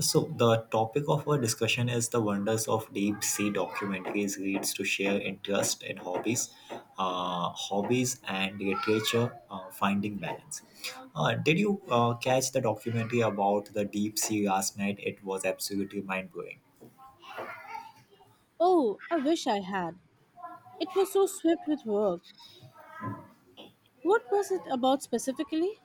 So, the topic of our discussion is the wonders of deep sea documentaries leads to share interest in hobbies, hobbies and literature, finding balance. Did you catch the documentary about the deep sea last night? It was absolutely mind blowing. Oh, I wish I had. It was so swept with work. What was it about specifically?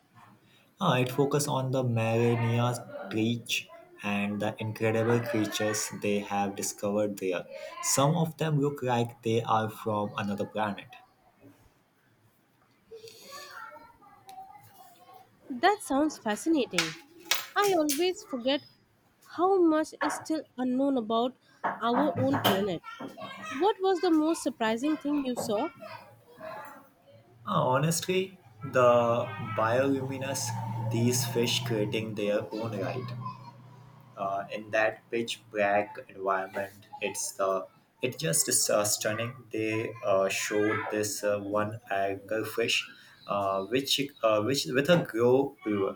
It focused on the Mariana Trench and the incredible creatures they have discovered there. Some of them look like they are from another planet. That sounds fascinating. I always forget how much is still unknown about our own planet. What was the most surprising thing you saw? Honestly, the bioluminescence these fish creating their own light in that pitch black environment, it's the it just is stunning. They showed this one anglerfish, which with a glow blue.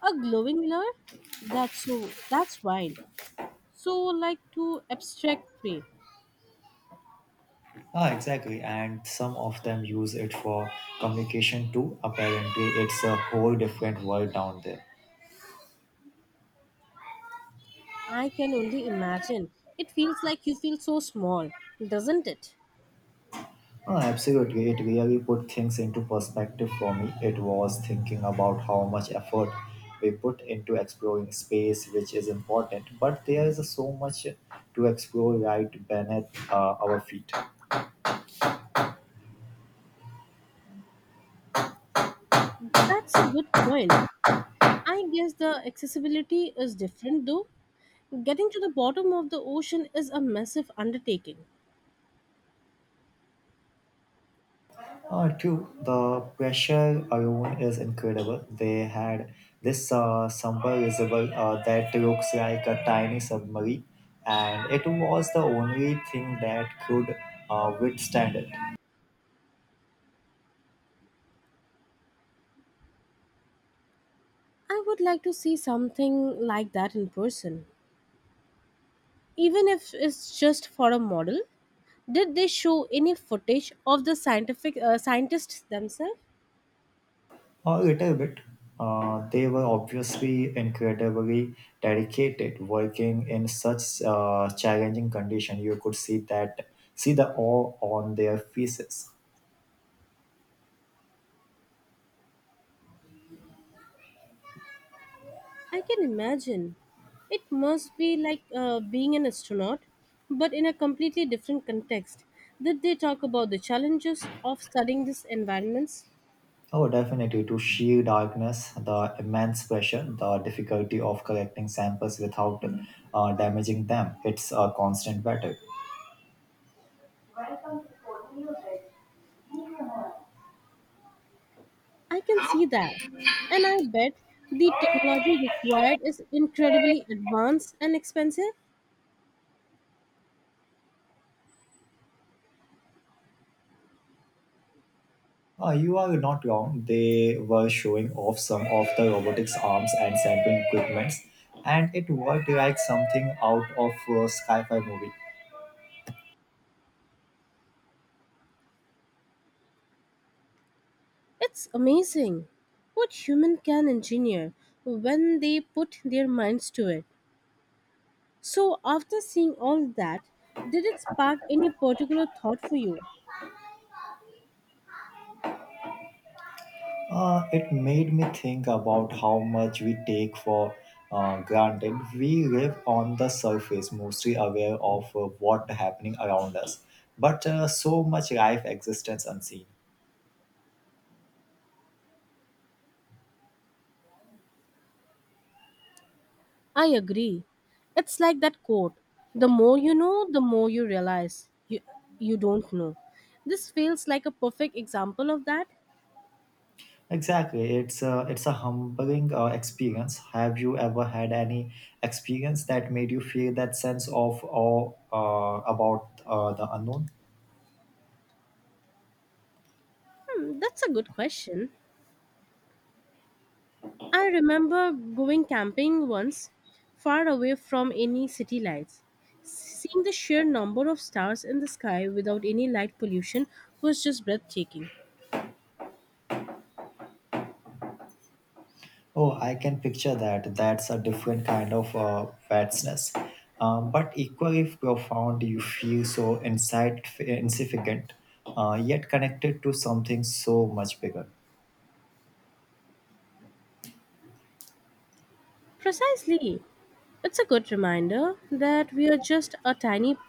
A glowing mirror? That's wild. So like to abstract way. Ah, exactly, and some of them use it for communication too. Apparently, it's a whole different world down there. I can only imagine. It feels like you feel so small, doesn't it? Oh, absolutely. It really put things into perspective for me. It was thinking about how much effort we put into exploring space, which is important, but there is so much to explore right beneath our feet. That's a good point. I guess the accessibility is different though. Getting to the bottom of the ocean is a massive undertaking. Two, the pressure alone is incredible. They had this submersible that looks like a tiny submarine, and it was the only thing that could withstand it. I would like to see something like that in person, even if it's just for a model. Did they show any footage of the scientific scientists themselves? A little bit. They were obviously incredibly dedicated, working in such challenging condition. You could see the awe on their faces. I can imagine. It must be like being an astronaut, but in a completely different context. Did they talk about the challenges of studying these environments? Oh, definitely, to sheer darkness, the immense pressure, the difficulty of collecting samples without damaging them. It's a constant battle. I can see that. And I bet the technology required is incredibly advanced and expensive. You are not wrong. They were showing off some of the robotics arms and sampling equipments, and it worked like something out of a sci fi movie. It's amazing what human can engineer when they put their minds to it. So after seeing all that, did it spark any particular thought for you? It made me think about how much we take for granted. We live on the surface, mostly aware of what happening around us, but so much life existence unseen. I agree. It's like that quote, the more you know, the more you realize you don't know. This feels like a perfect example of that. Exactly. It's a humbling experience. Have you ever had any experience that made you feel that sense of awe about the unknown? That's a good question. I remember going camping once, far away from any city lights. Seeing the sheer number of stars in the sky without any light pollution was just breathtaking. Oh, I can picture that. That's a different kind of vastness, but equally profound. You feel so insight insignificant, yet connected to something so much bigger. Precisely. It's a good reminder that we are just a tiny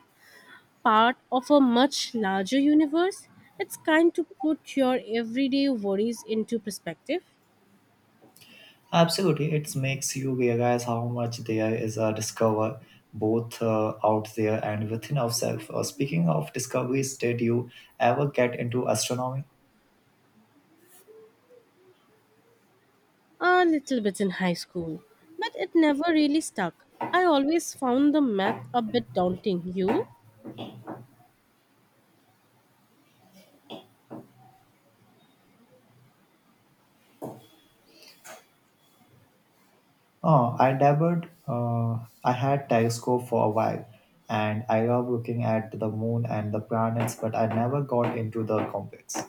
part of a much larger universe. It's kind to put your everyday worries into perspective. Absolutely, it makes you realize how much there is a discover both out there and within ourselves. Speaking of discoveries, did you ever get into astronomy? A little bit in high school, but it never really stuck. I always found the math a bit daunting. You? Oh, I dabbled. I had telescope for a while, and I love looking at the moon and the planets, but I never got into the complex.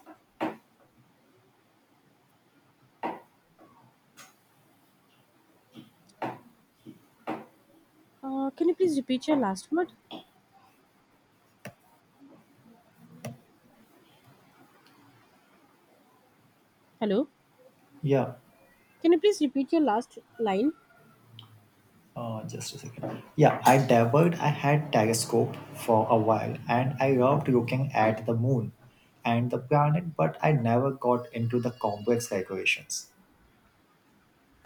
Can you please repeat your last word? Hello? Yeah, Can you please repeat your last line? Just a second. Yeah, I dabbled. I had telescope for a while, and I loved looking at the moon and the planet, but I never got into the complex calculations.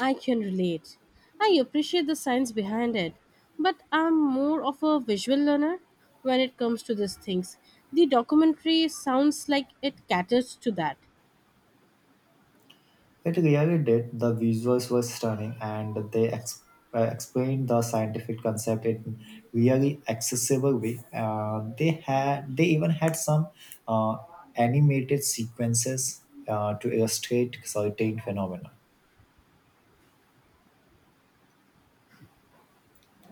I can relate. I appreciate the science behind it, but I'm more of a visual learner when it comes to these things. The documentary sounds like it caters to that. It really did. The visuals were stunning, and they explained the scientific concept in really accessible way. They even had some uh, animated sequences to illustrate certain phenomena.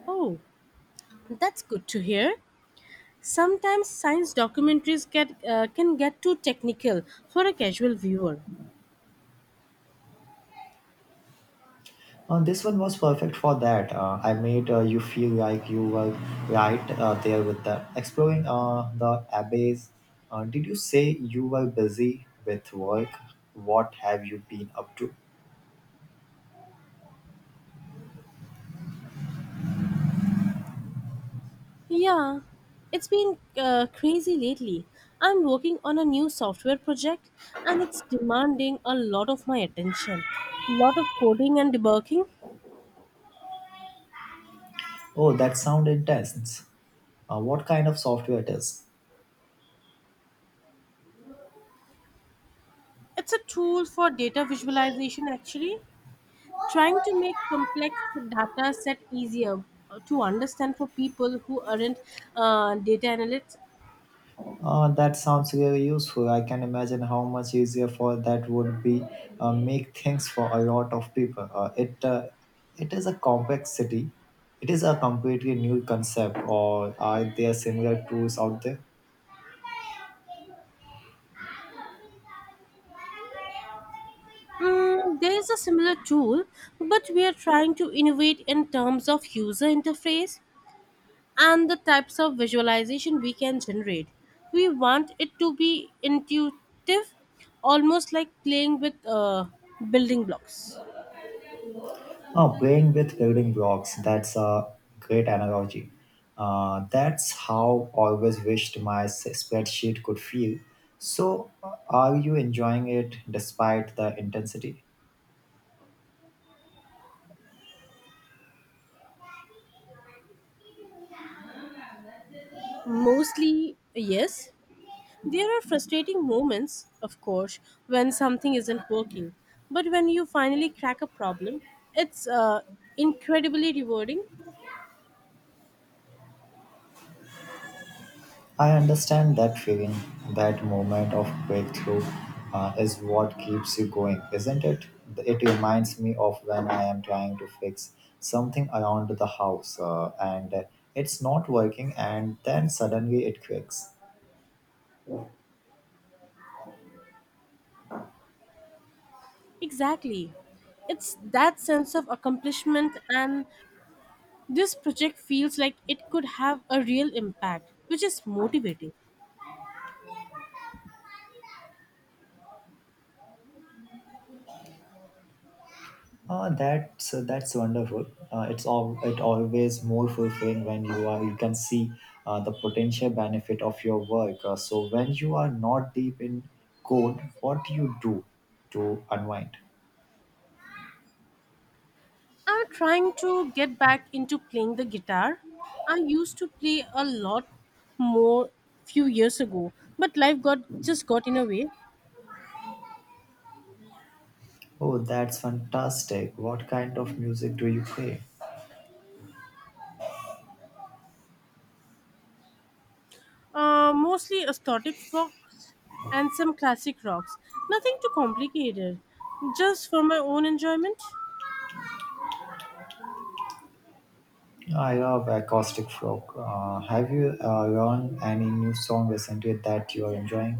Oh, that's good to hear. Sometimes science documentaries get can get too technical for a casual viewer. This one was perfect for that. I made you feel like you were right there with the exploring the abbeys. Did you say you were busy with work? What have you been up to? Yeah, it's been crazy lately. I'm working on a new software project and it's demanding a lot of my attention. Lot of coding and debugging. Oh, that sounds intense. What kind of software it is? It's a tool for data visualization actually, trying to make complex data set easier to understand for people who aren't data analysts. That sounds really useful. I can imagine how much easier for that would be make things for a lot of people. It is a complexity. It is a completely new concept. Or are there similar tools out there? Mm, there is a similar tool, but we are trying to innovate in terms of user interface and the types of visualization we can generate. We want it to be intuitive, almost like playing with building blocks. Oh, playing with building blocks. That's a great analogy. That's how always wished my spreadsheet could feel. So, are you enjoying it despite the intensity? Mostly, yes. There are frustrating moments, of course, when something isn't working. But when you finally crack a problem, it's incredibly rewarding. I understand that feeling, that moment of breakthrough is what keeps you going, isn't it? It reminds me of when I am trying to fix something around the house and it's not working, and then suddenly it clicks. Exactly. It's that sense of accomplishment, and this project feels like it could have a real impact, which is motivating. That's wonderful. It's all it always more fulfilling when you can see the potential benefit of your work. So when you are not deep in code, what do you do to unwind? I'm trying to get back into playing the guitar. I used to play a lot more few years ago, but life got just got in a way. Oh, that's fantastic. What kind of music do you play? Mostly aesthetic folks and some classic rocks. Nothing too complicated, just for my own enjoyment. I love acoustic folk. Have you learned any new song recently that you are enjoying?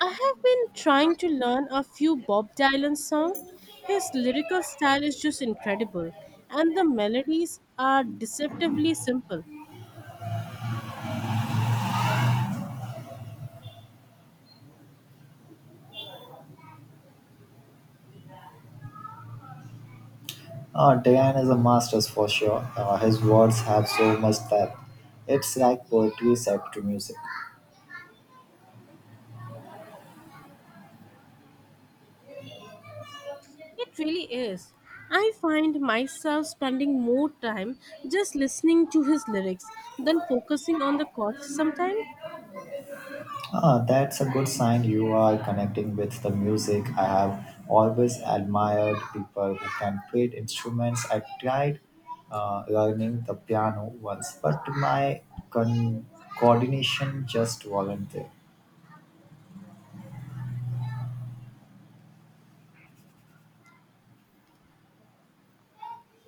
I have been trying to learn a few Bob Dylan songs. His lyrical style is just incredible, and the melodies are deceptively simple. Diane is a master's for sure. His words have so much depth. It's like poetry set to music. It really is. I find myself spending more time just listening to his lyrics than focusing on the chords sometimes. Ah, that's a good sign you are connecting with the music. I have always admired people who can play instruments. I tried learning the piano once, but my con- coordination just wasn't there.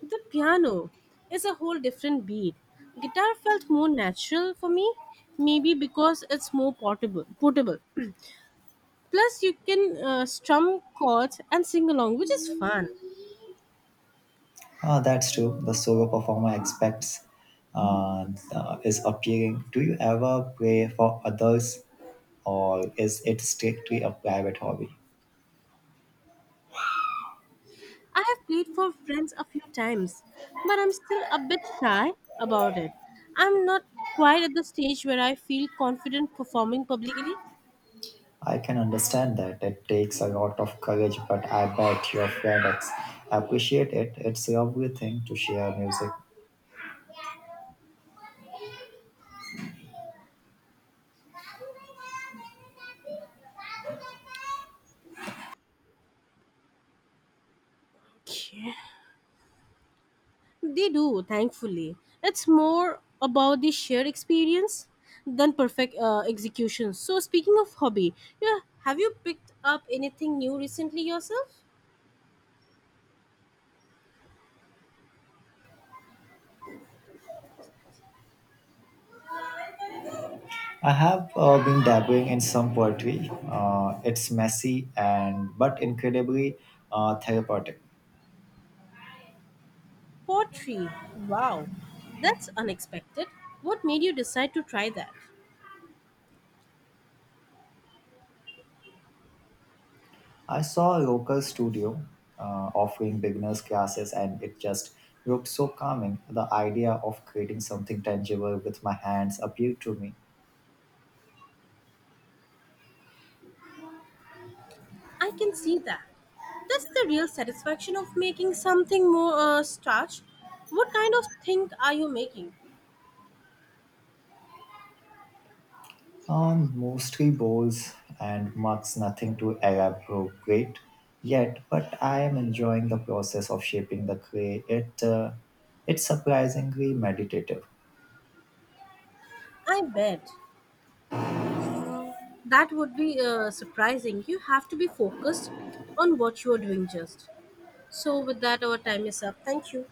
The piano is a whole different beat. Guitar felt more natural for me, maybe because it's more portable. Plus, you can strum chords and sing along, which is fun. Ah, that's true. The solo performer expects uh, is appearing. Do you ever play for others, or is it strictly a private hobby? I have played for friends a few times, but I'm still a bit shy about it. I'm not quite at the stage where I feel confident performing publicly. I can understand that. It takes a lot of courage, but I bet your appreciate it. It's a lovely thing to share music. Yeah, they do, thankfully. It's more about the shared experience than perfect execution. So, speaking of hobby, yeah, have you picked up anything new recently yourself? I have been dabbling in some poetry. It's messy and but incredibly therapeutic. Pottery. Wow, that's unexpected. What made you decide to try that? I saw a local studio offering beginners classes, and it just looked so calming. The idea of creating something tangible with my hands appealed to me. I can see that. That's the real satisfaction of making something more starch. What kind of thing are you making? Mostly bowls and mugs, nothing to elaborate yet, but I am enjoying the process of shaping the clay. It's surprisingly meditative. I bet that would be surprising. You have to be focused on what you are doing just. So, with that, our time is up. Thank you.